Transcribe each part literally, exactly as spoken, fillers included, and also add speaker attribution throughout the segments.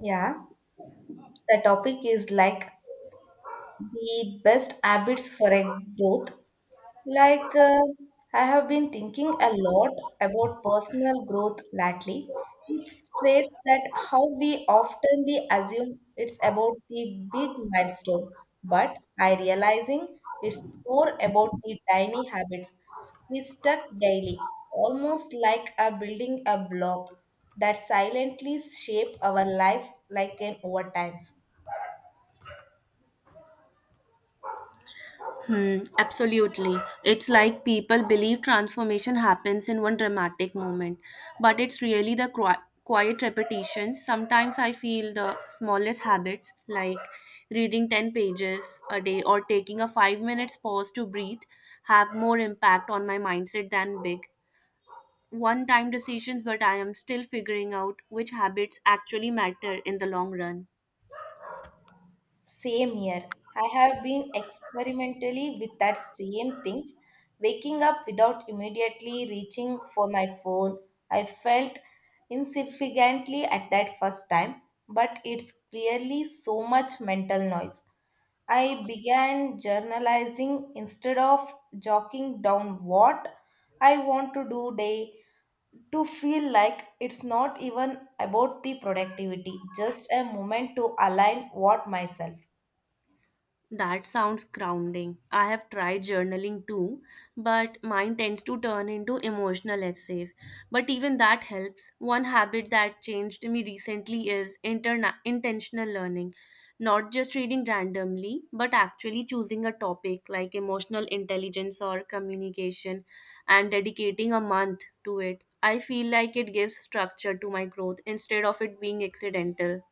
Speaker 1: Yeah, the topic is like the best habits for a growth. Like uh, I have been thinking a lot about personal growth lately. It states that how we often the assume it's about the big milestone, but I realizing it's more about the tiny habits we stuck daily, almost like a building a block that silently shape our life like an over times.
Speaker 2: Hmm, absolutely. It's like people believe transformation happens in one dramatic moment, but it's really the qui- quiet repetitions. Sometimes I feel the smallest habits, like reading ten pages a day or taking a five minutes pause to breathe, have more impact on my mindset than big one time decisions, but I am still figuring out which habits actually matter in the long run.
Speaker 1: Same here. I have been experimentally with that same things. Waking up without immediately reaching for my phone, I felt insignificantly at that first time, but it's clearly so much mental noise. I began journalizing instead of jotting down what I want to do day to feel like it's not even about the productivity, just a moment to align what myself.
Speaker 2: That sounds grounding. I have tried journaling too, but mine tends to turn into emotional essays. But even that helps. One habit that changed me recently is interna- intentional learning. Not just reading randomly, but actually choosing a topic like emotional intelligence or communication and dedicating a month to it. I feel like it gives structure to my growth instead of it being accidental.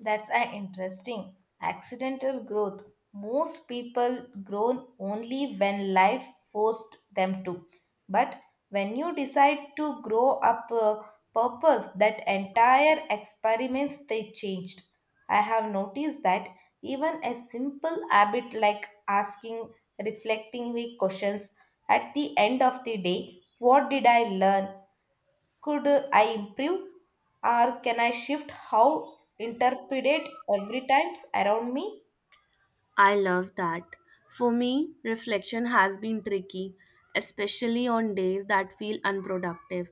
Speaker 1: That's an interesting accidental growth. Most people grow only when life forced them to. But when you decide to grow up a purpose, that entire experiments they changed. I have noticed that even a simple habit like asking reflecting week questions at the end of the day, what did I learn? Could I improve or can I shift how interpreted every times around me?
Speaker 2: I love that. For me, reflection has been tricky, especially on days that feel unproductive.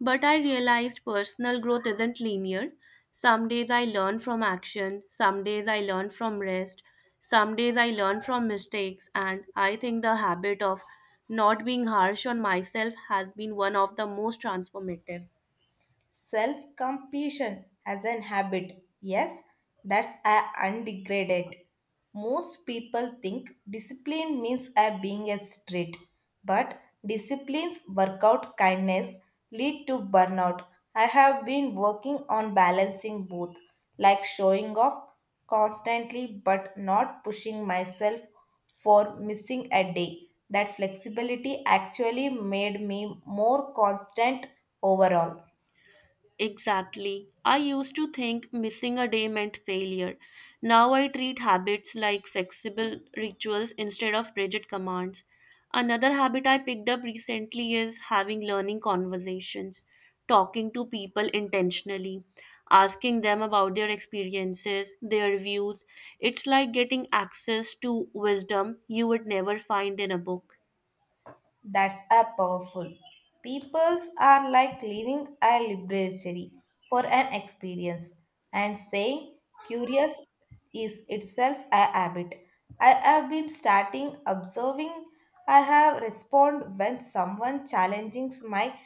Speaker 2: But I realized personal growth isn't linear. Some days I learn from action, some days I learn from rest, some days I learn from mistakes, and I think the habit of not being harsh on myself has been one of the most transformative.
Speaker 1: Self compassion as an habit. Yes, that's a undegraded. Most people think discipline means a being a strict, but disciplines, workout, kindness lead to burnout. I have been working on balancing both, like showing off constantly but not pushing myself for missing a day. That flexibility actually made me more constant overall.
Speaker 2: Exactly. I used to think missing a day meant failure. Now I treat habits like flexible rituals instead of rigid commands. Another habit I picked up recently is having learning conversations, talking to people intentionally, asking them about their experiences, their views. It's like getting access to wisdom you would never find in a book.
Speaker 1: That's a powerful. Peoples are like leaving a library for an experience and saying curious is itself a habit. I have been starting observing I have respond when someone challenges my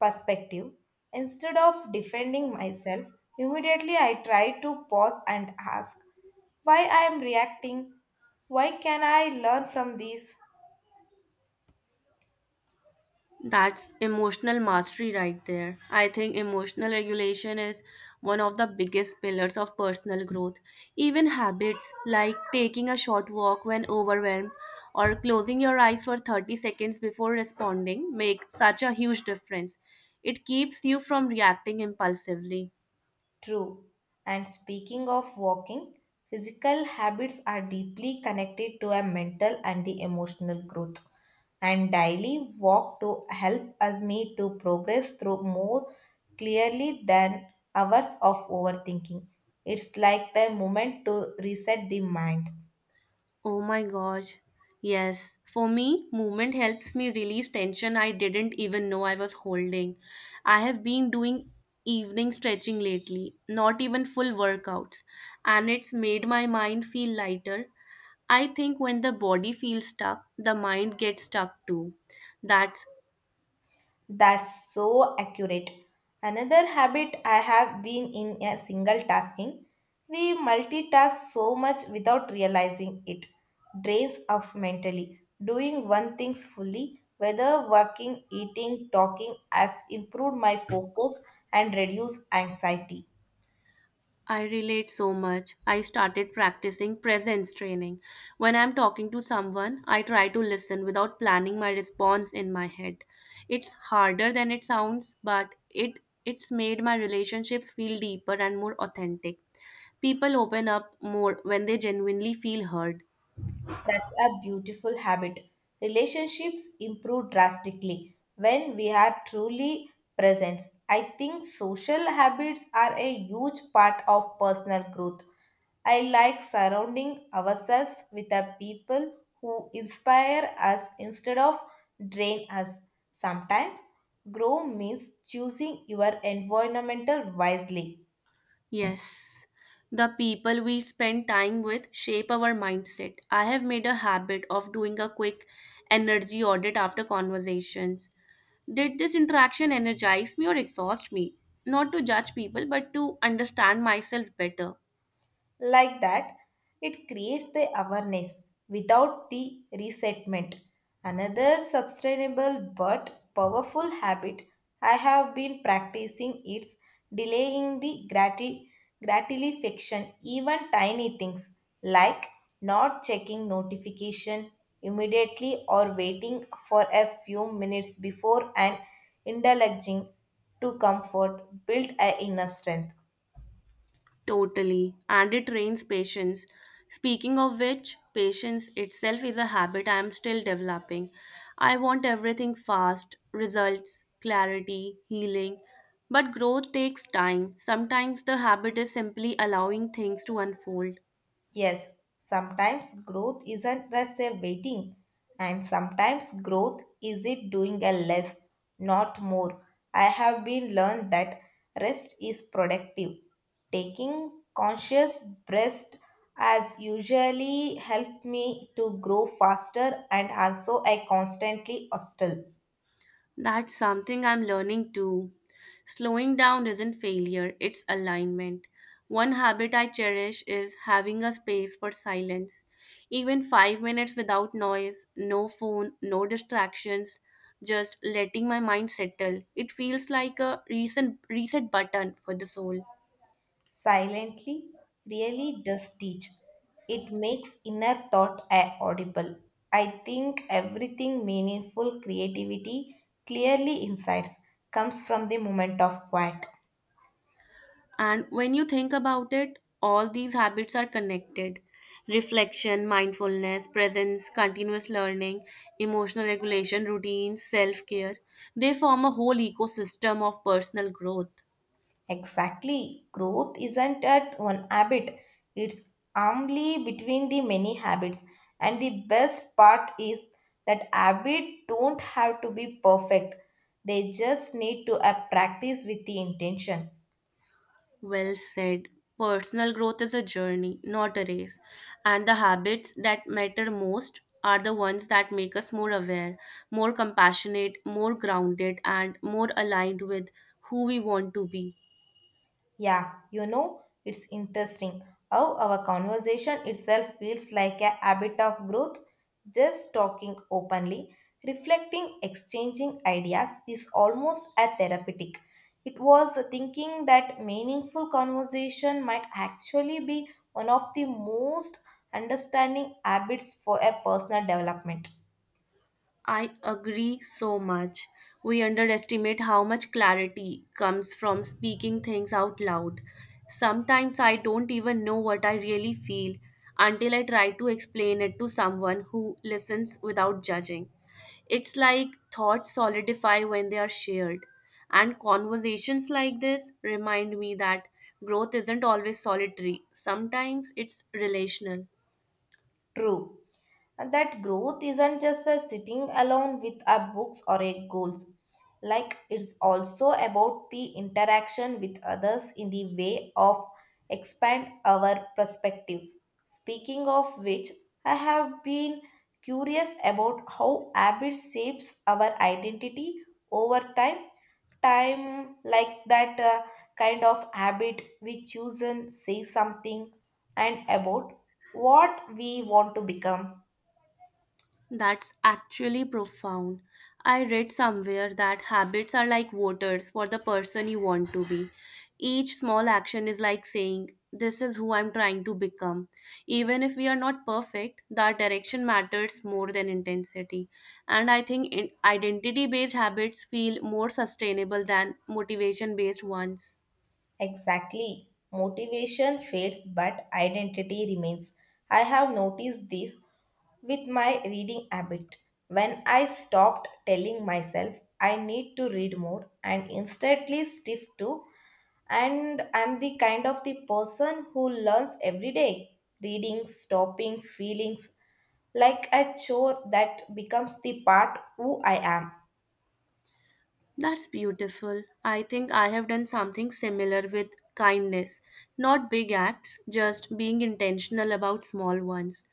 Speaker 1: perspective. Instead of defending myself, immediately I try to pause and ask why I am reacting. Why can I learn from this?
Speaker 2: That's emotional mastery right there. I think emotional regulation is one of the biggest pillars of personal growth. Even habits like taking a short walk when overwhelmed or closing your eyes for thirty seconds before responding make such a huge difference. It keeps you from reacting impulsively.
Speaker 1: True. And speaking of walking, physical habits are deeply connected to our mental and the emotional growth. And daily walk to help us me to progress through more clearly than hours of overthinking. It's like the moment to reset the mind.
Speaker 2: Oh my gosh. Yes. For me, movement helps me release tension I didn't even know I was holding. I have been doing evening stretching lately, not even full workouts, and it's made my mind feel lighter. I think when the body feels stuck, the mind gets stuck too. That's
Speaker 1: That's so accurate. Another habit I have been in a single tasking. We multitask so much without realizing it. Drains us mentally. Doing one thing fully, whether working, eating, talking, has improved my focus and reduced anxiety.
Speaker 2: I relate so much. I started practicing presence training. When I'm talking to someone, I try to listen without planning my response in my head. It's harder than it sounds, but it it's made my relationships feel deeper and more authentic. People open up more when they genuinely feel heard.
Speaker 1: That's a beautiful habit. Relationships improve drastically when we are truly present. I think social habits are a huge part of personal growth. I like surrounding ourselves with the people who inspire us instead of drain us. Sometimes, grow means choosing your environmental wisely.
Speaker 2: Yes. The people we spend time with shape our mindset. I have made a habit of doing a quick energy audit after conversations. Did this interaction energize me or exhaust me? Not to judge people, but to understand myself better.
Speaker 1: Like that, it creates the awareness without the resentment. Another sustainable but powerful habit I have been practicing is delaying the grati- gratification, even tiny things like not checking notification immediately or waiting for a few minutes before and indulging to comfort build a inner strength.
Speaker 2: Totally. And it trains patience. Speaking of which, patience itself is a habit I am still developing. I want everything fast results, clarity, healing. But growth takes time. Sometimes the habit is simply allowing things to unfold.
Speaker 1: Yes, sometimes growth isn't just a waiting, and sometimes growth is it doing a less, not more. I have been learned that rest is productive. Taking conscious breath has usually helped me to grow faster and also I constantly hostile.
Speaker 2: That's something I'm learning too. Slowing down isn't failure, it's alignment. One habit I cherish is having a space for silence. Even five minutes without noise, no phone, no distractions, just letting my mind settle. It feels like a recent reset button for the soul.
Speaker 1: Silently really does teach. It makes inner thought a- audible. I think everything meaningful creativity clearly insights comes from the moment of quiet.
Speaker 2: And when you think about it, all these habits are connected reflection, mindfulness, presence, continuous learning, emotional regulation, routines, self care. They form a whole ecosystem of personal growth.
Speaker 1: Exactly. Growth isn't at one habit. It's humbly between the many habits. And the best part is that habits don't have to be perfect. They just need to uh, practice with the intention.
Speaker 2: Well said. Personal growth is a journey, not a race. And the habits that matter most are the ones that make us more aware, more compassionate, more grounded, and more aligned with who we want to be.
Speaker 1: Yeah, you know, it's interesting how our conversation itself feels like a habit of growth. Just talking openly, reflecting, exchanging ideas is almost a therapeutic. It was thinking that meaningful conversation might actually be one of the most understanding habits for a personal development.
Speaker 2: I agree so much. We underestimate how much clarity comes from speaking things out loud. Sometimes I don't even know what I really feel until I try to explain it to someone who listens without judging. It's like thoughts solidify when they are shared. And conversations like this remind me that growth isn't always solitary, sometimes it's relational.
Speaker 1: True. And that growth isn't just a sitting alone with our books or a goals. Like it's also about the interaction with others in the way of expand our perspectives. Speaking of which, I have been curious about how habit shapes our identity over time. Time like that uh, kind of habit we choose and say something and about what we want to become.
Speaker 2: That's actually profound. I read somewhere that habits are like voters for the person you want to be. Each small action is like saying, This is who I'm trying to become. Even if we are not perfect, that direction matters more than intensity. And I think identity based habits feel more sustainable than motivation based ones.
Speaker 1: Exactly. Motivation fades, but identity remains. I have noticed this with my reading habit. When I stopped telling myself I need to read more and instantly stiff to, and I'm the kind of the person who learns every day, reading, stopping, feelings like a chore that becomes the part who I am.
Speaker 2: That's beautiful. I think I have done something similar with kindness. Not big acts, just being intentional about small ones,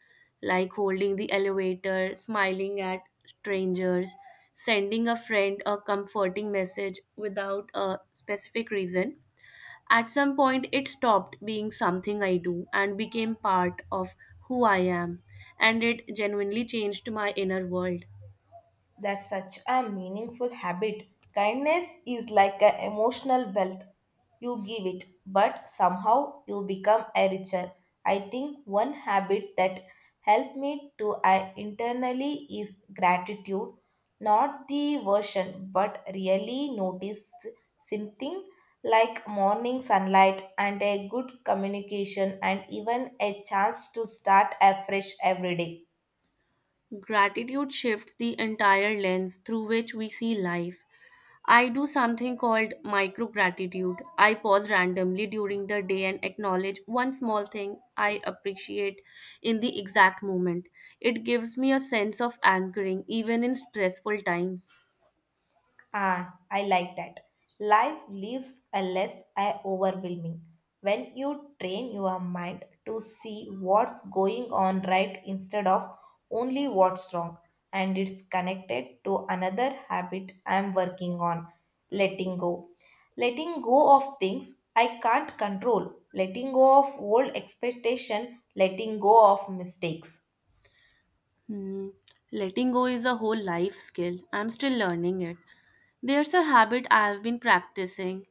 Speaker 2: like holding the elevator, smiling at strangers, sending a friend a comforting message without a specific reason. At some point, it stopped being something I do and became part of who I am, and it genuinely changed my inner world.
Speaker 1: That's such a meaningful habit. Kindness is like an emotional wealth. You give it, but somehow you become a richer. I think one habit that helped me to I internally is gratitude, not the version, but really notice something like morning sunlight and a good communication and even a chance to start afresh every day.
Speaker 2: Gratitude shifts the entire lens through which we see life. I do something called micro gratitude. I pause randomly during the day and acknowledge one small thing I appreciate in the exact moment. It gives me a sense of anchoring even in stressful times.
Speaker 1: Ah, I like that. Life lives a less a- overwhelming when you train your mind to see what's going on right instead of only what's wrong. And it's connected to another habit I'm working on letting go. Letting go of things I can't control, letting go of old expectation, letting go of mistakes.
Speaker 2: Hmm. Letting go is a whole life skill. I'm still learning it. There's a habit I've been practicing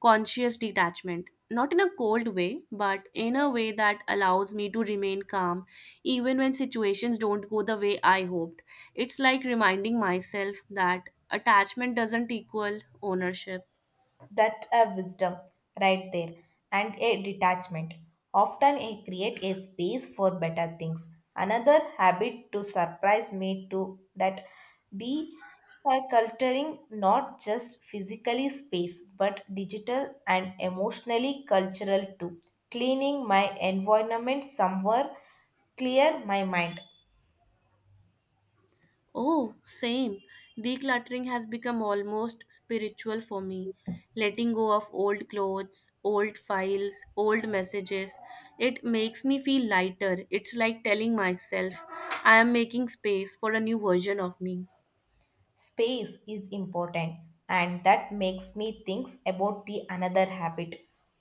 Speaker 2: conscious detachment, not in a cold way, but in a way that allows me to remain calm even when situations don't go the way I hoped. It's like reminding myself that attachment doesn't equal ownership.
Speaker 1: That a wisdom right there, and a detachment. Often I create a space for better things. Another habit to surprise me too that de-culturing not just physically space but digital and emotionally cultural too. Cleaning my environment somewhere clear my mind.
Speaker 2: Oh, same. Decluttering has become almost spiritual for me. Letting go of old clothes, old files, old messages. It makes me feel lighter. It's like telling myself I am making space for a new version of me.
Speaker 1: Space is important, and that makes me think about the another habit,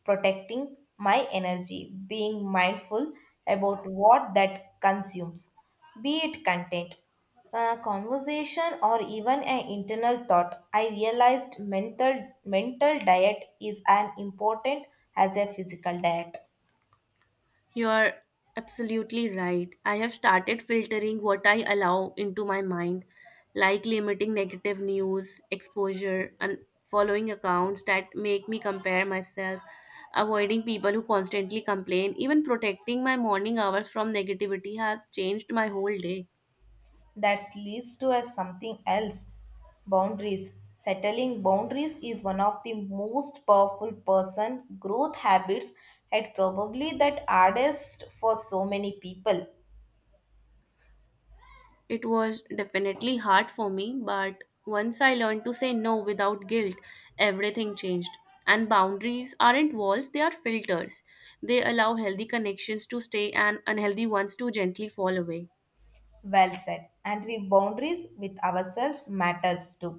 Speaker 1: protecting my energy, being mindful about what that consumes, be it content, a conversation, or even an internal thought. I realized mental mental diet is as important as a physical diet.
Speaker 2: You are absolutely right. I have started filtering what I allow into my mind, like limiting negative news, exposure, and following accounts that make me compare myself, avoiding people who constantly complain, even protecting my morning hours from negativity has changed my whole day.
Speaker 1: That leads to a something else, boundaries. Settling boundaries is one of the most powerful person growth habits, and probably that hardest for so many people.
Speaker 2: It was definitely hard for me, but once I learned to say no without guilt, everything changed. And boundaries aren't walls, they are filters. They allow healthy connections to stay and unhealthy ones to gently fall away.
Speaker 1: Well said, and the boundaries with ourselves matters too,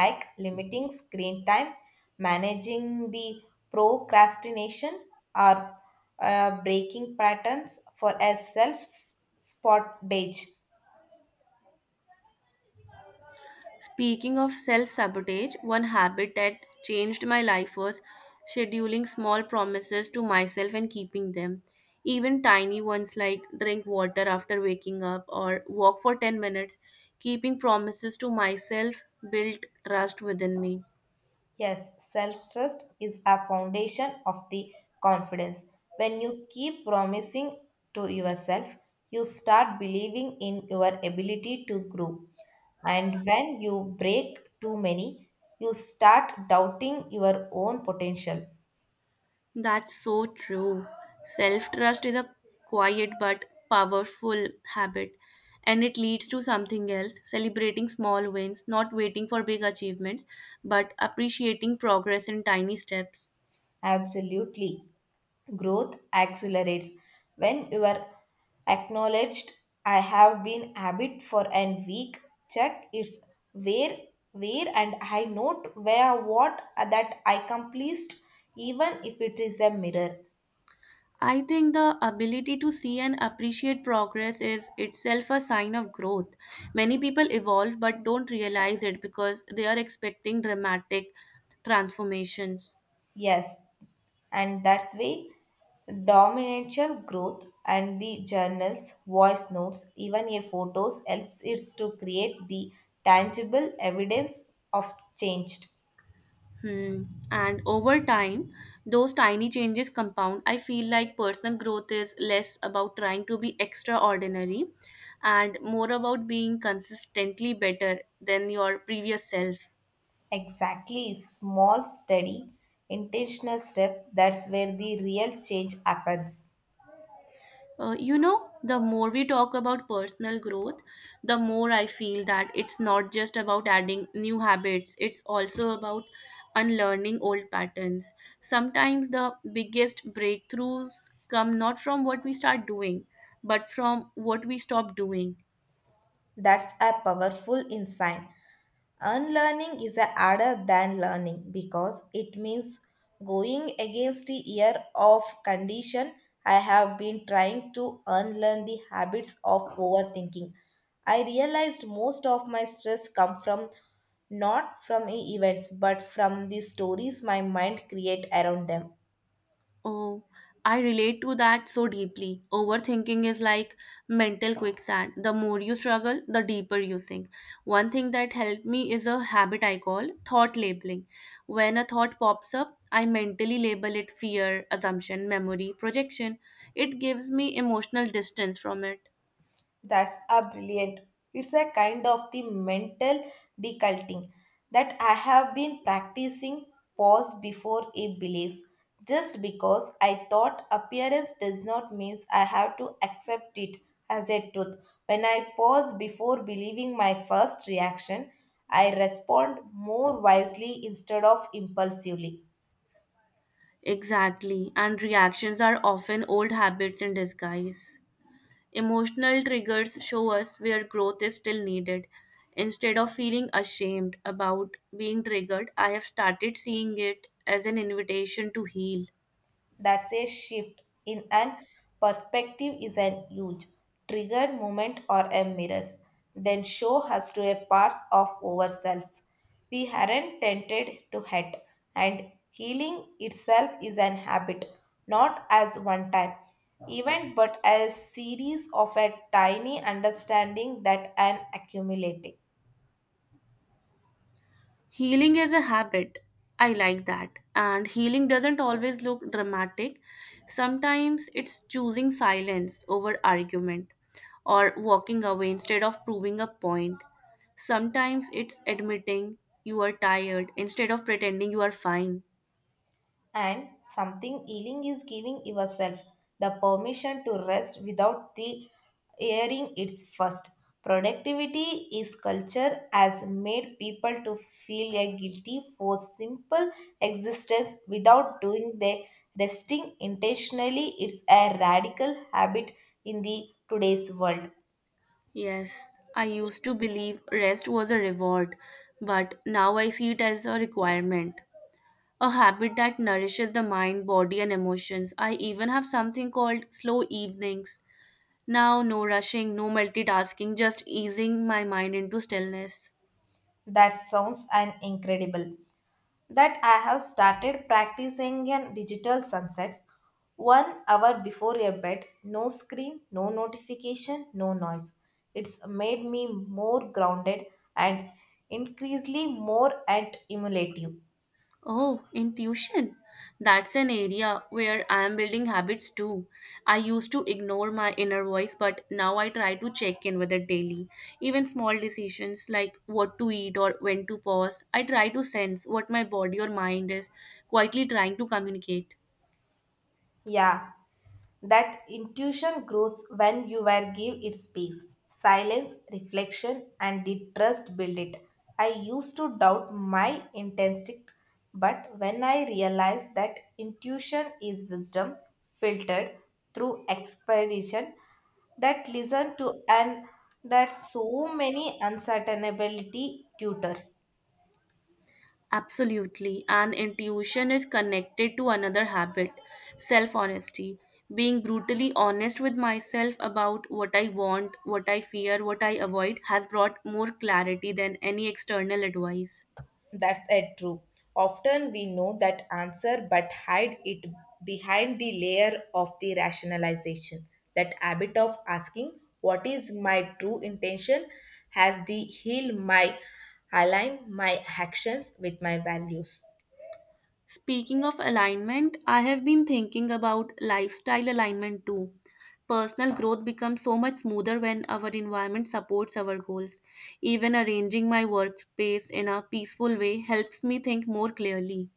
Speaker 1: like limiting screen time, managing the procrastination, or uh, breaking patterns for a self spot date.
Speaker 2: Speaking of self sabotage, one habit that changed my life was scheduling small promises to myself and keeping them. Even tiny ones like drink water after waking up or walk for ten minutes, keeping promises to myself built trust within me.
Speaker 1: Yes, self trust is a foundation of the confidence. When you keep promising to yourself, you start believing in your ability to grow. And when you break too many, you start doubting your own potential.
Speaker 2: That's so true. Self trust is a quiet but powerful habit, and it leads to something else celebrating small wins, not waiting for big achievements, but appreciating progress in tiny steps.
Speaker 1: Absolutely. Growth accelerates when you are acknowledged. I have been habit for a week. Check it's where, where, and I note where what that I accomplished, even if it is a mirror.
Speaker 2: I think the ability to see and appreciate progress is itself a sign of growth. Many people evolve but don't realize it because they are expecting dramatic transformations.
Speaker 1: Yes, and that's way dominantial growth and the journals, voice notes, even a photos helps it to create the tangible evidence of change.
Speaker 2: Hmm. And over time, those tiny changes compound. I feel like personal growth is less about trying to be extraordinary and more about being consistently better than your previous self.
Speaker 1: Exactly, small, steady, intentional step that's where the real change happens.
Speaker 2: Uh, you know, the more we talk about personal growth, the more I feel that it's not just about adding new habits, it's also about unlearning old patterns. Sometimes the biggest breakthroughs come not from what we start doing, but from what we stop doing.
Speaker 1: That's a powerful insight. Unlearning is a harder than learning because it means going against the year of condition. I have been trying to unlearn the habits of overthinking. I realized most of my stress come from not from events but from the stories my mind create around them.
Speaker 2: Oh, I relate to that so deeply. Overthinking is like mental quicksand. The more you struggle, the deeper you sink. One thing that helped me is a habit I call thought labeling. When a thought pops up, I mentally label it fear, assumption, memory, projection. It gives me emotional distance from it.
Speaker 1: That's a brilliant. It's a kind of the mental deculting that I have been practicing pause before a beliefs. Just because I thought appearance does not means I have to accept it as a truth. When I pause before believing my first reaction, I respond more wisely instead of impulsively.
Speaker 2: Exactly, and reactions are often old habits in disguise. Emotional triggers show us where growth is still needed. Instead of feeling ashamed about being triggered, I have started seeing it as an invitation to heal.
Speaker 1: That's a shift in an perspective is an huge trigger moment or a mirrors. Then show us to a parts of ourselves. We aren't tended to hurt, and healing itself is an habit, not as one time event but as series of a tiny understanding that an accumulate.
Speaker 2: Healing is a habit. I like that. And healing doesn't always look dramatic. Sometimes it's choosing silence over argument or walking away instead of proving a point. Sometimes it's admitting you are tired instead of pretending you are fine.
Speaker 1: And something healing is giving yourself the permission to rest without the hearing its first. Productivity is culture has made people to feel a guilty for simple existence without doing their. Resting intentionally, it's a radical habit in the today's world.
Speaker 2: Yes, I used to believe rest was a reward, but now I see it as a requirement. A habit that nourishes the mind, body, and emotions. I even have something called slow evenings. Now, no rushing, no multitasking, just easing my mind into stillness.
Speaker 1: That sounds an incredible that I have started practicing in digital sunsets one hour before a bed, no screen, no notification, no noise. It's made me more grounded and increasingly more and emulative.
Speaker 2: Oh, intuition. That's an area where I am building habits too. I used to ignore my inner voice, but now I try to check in with it daily. Even small decisions like what to eat or when to pause, I try to sense what my body or mind is quietly trying to communicate.
Speaker 1: Yeah, that intuition grows when you were give it space, silence, reflection, and the trust build it. I used to doubt my instinct, but when I realized that intuition is wisdom filtered through expedition, that listen to and that so many uncertainability tutors.
Speaker 2: Absolutely. And intuition is connected to another habit self honesty. Being brutally honest with myself about what I want, what I fear, what I avoid has brought more clarity than any external advice.
Speaker 1: That's a true. Often we know that answer but hide it behind the layer of the rationalization. That habit of asking what is my true intention has the heal my align my actions with my values.
Speaker 2: Speaking of alignment, I have been thinking about lifestyle alignment too. Personal growth becomes so much smoother when our environment supports our goals. Even arranging my workspace in a peaceful way helps me think more clearly.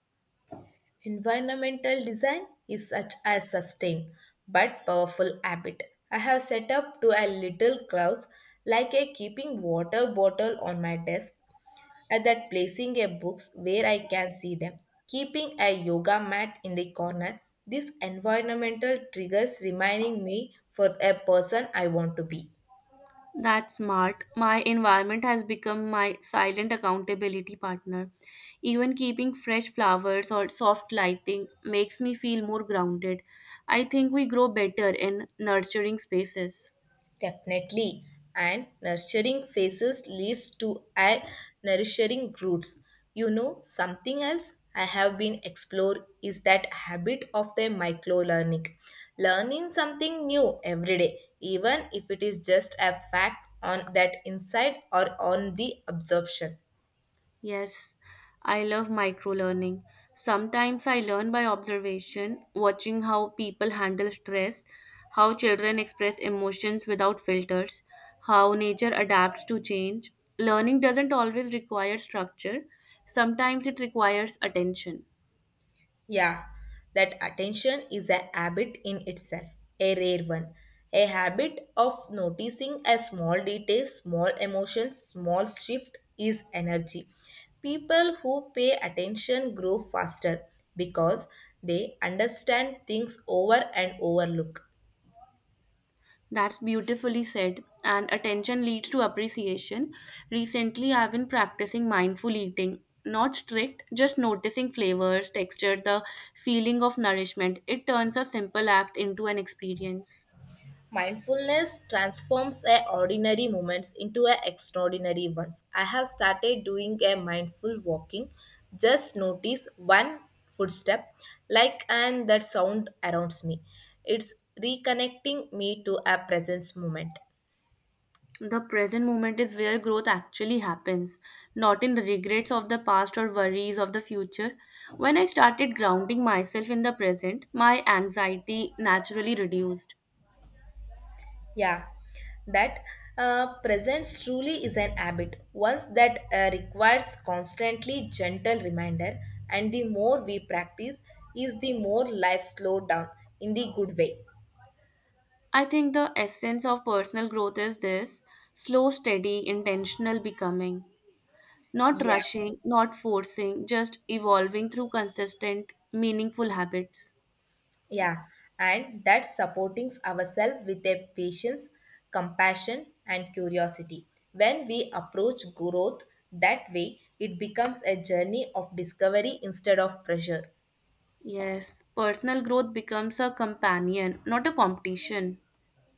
Speaker 1: Environmental design is such a sustained but powerful habit. I have set up to a little clause like a keeping water bottle on my desk and that placing a books where I can see them, keeping a yoga mat in the corner. These environmental triggers reminding me for a person I want to be.
Speaker 2: That's smart. My environment has become my silent accountability partner. Even keeping fresh flowers or soft lighting makes me feel more grounded. I think we grow better in nurturing spaces.
Speaker 1: Definitely. And nurturing faces leads to a nourishing roots. You know, something else I have been explore is that habit of the micro learning. Learning something new every day, even if it is just a fact on that insight or on the absorption.
Speaker 2: Yes, I love micro learning. Sometimes I learn by observation, watching how people handle stress, how children express emotions without filters, how nature adapts to change. Learning doesn't always require structure, sometimes it requires attention.
Speaker 1: Yeah, that attention is a habit in itself, a rare one. A habit of noticing a small detail, small emotions, small shift is energy. People who pay attention grow faster because they understand things over and overlook.
Speaker 2: That's beautifully said, and attention leads to appreciation. Recently, I've been practicing mindful eating. Not strict, just noticing flavors, texture, the feeling of nourishment. It turns a simple act into an experience.
Speaker 1: Mindfulness transforms a ordinary moments into a extraordinary ones. I have started doing a mindful walking. Just notice one footstep, like and that sound around me. It's reconnecting me to a presence moment.
Speaker 2: The present moment is where growth actually happens, not in the regrets of the past or worries of the future. When I started grounding myself in the present, my anxiety naturally reduced.
Speaker 1: Yeah, that uh, presence truly is an habit, once that uh, requires constantly gentle reminder, and the more we practice, is the more life slow down in the good way.
Speaker 2: I think the essence of personal growth is this slow, steady, intentional becoming. Not
Speaker 1: Yeah,
Speaker 2: rushing, not forcing, just evolving through consistent, meaningful habits.
Speaker 1: yeah, and that supporting ourselves with a patience, compassion, and curiosity. When we approach growth that way, it becomes a journey of discovery instead of pressure.
Speaker 2: Yes, personal growth becomes a companion, not a competition.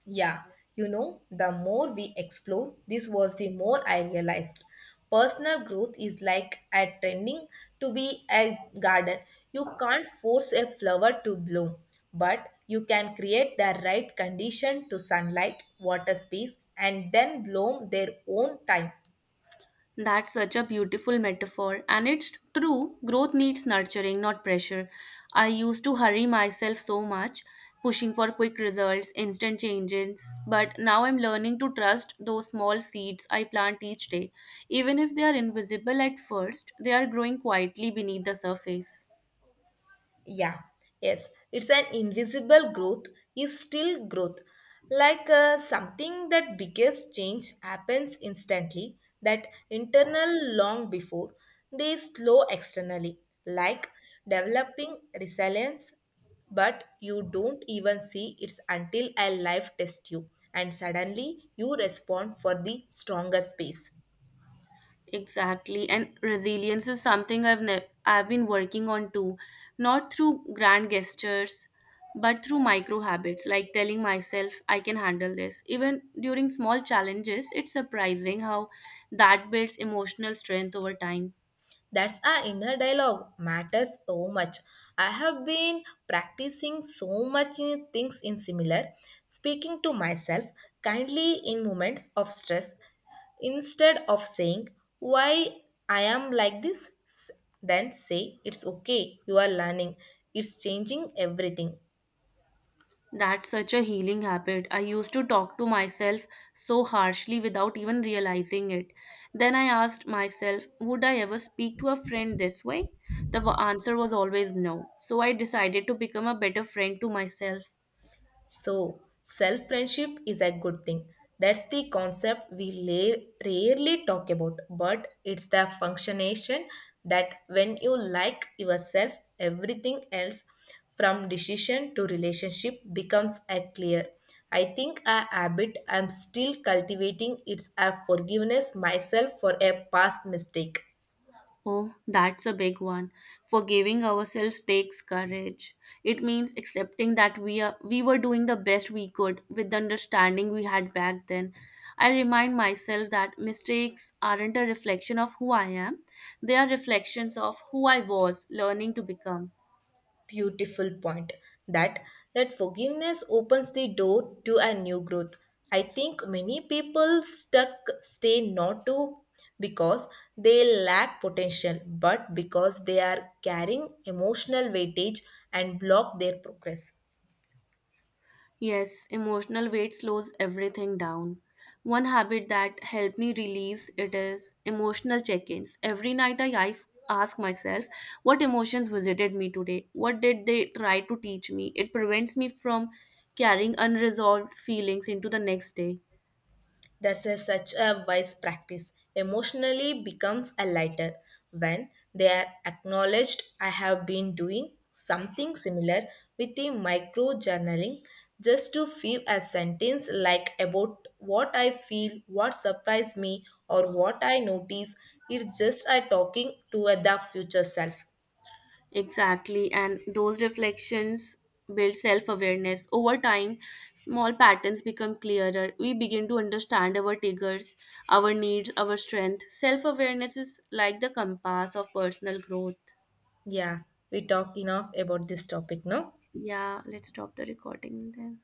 Speaker 1: Yeah, you know, the more we explore, this was the more I realized. Personal growth is like attending to be a garden. You can't force a flower to bloom, but you can create the right condition to sunlight, water space, and then bloom their own time.
Speaker 2: That's such a beautiful metaphor. And it's true, growth needs nurturing, not pressure. I used to hurry myself so much, pushing for quick results, instant changes. But now I'm learning to trust those small seeds I plant each day. Even if they are invisible at first, they are growing quietly beneath the surface.
Speaker 1: Yeah, yes, it's an invisible growth, is still growth. Like uh, something that biggest change happens instantly, that internal long before they slow externally, like developing resilience, but you don't even see it's until a life tests you, and suddenly you respond for the stronger space.
Speaker 2: Exactly. And resilience is something I've ne- I've been working on too, not through grand gestures, but through micro habits like telling myself I can handle this. Even during small challenges, it's surprising how that builds emotional strength over time.
Speaker 1: That's our inner dialogue matters so much. I have been practicing so much in things in similar, speaking to myself kindly in moments of stress instead of saying why I am like this, s- then say it's okay, you are learning, it's changing everything.
Speaker 2: That's such a healing habit. I used to talk to myself so harshly without even realizing it. Then I asked myself, would I ever speak to a friend this way? The w- answer was always no. So I decided to become a better friend to myself.
Speaker 1: So, self friendship is a good thing. That's the concept we la- rarely talk about, but it's the functionation that when you like yourself, everything else from decision to relationship becomes a clear. I think a habit I'm still cultivating it's a forgiveness myself for a past mistake.
Speaker 2: Oh, that's a big one. Forgiving ourselves takes courage. It means accepting that we are, we were doing the best we could with the understanding we had back then. I remind myself that mistakes aren't a reflection of who I am. They are reflections of who I was learning to become.
Speaker 1: Beautiful point that that forgiveness opens the door to a new growth. I think many people stuck stay not to because they lack potential, but because they are carrying emotional weightage and block their progress.
Speaker 2: Yes, emotional weight slows everything down. One habit that helped me release it is emotional check-ins. Every night I is- ask myself, what emotions visited me today? What did they try to teach me? It prevents me from carrying unresolved feelings into the next day.
Speaker 1: That's a, such a wise practice. Emotionally becomes a lighter when they are acknowledged. I have been doing something similar with the micro journaling just to feel a sentence like about what I feel, what surprised me, or what I notice. It's just a talking to the future self.
Speaker 2: Exactly, and those reflections build self awareness. Over time, small patterns become clearer. We begin to understand our triggers, our needs, our strength. Self awareness is like the compass of personal growth.
Speaker 1: Yeah, we talk enough about this topic, no?
Speaker 2: Yeah, let's stop the recording then.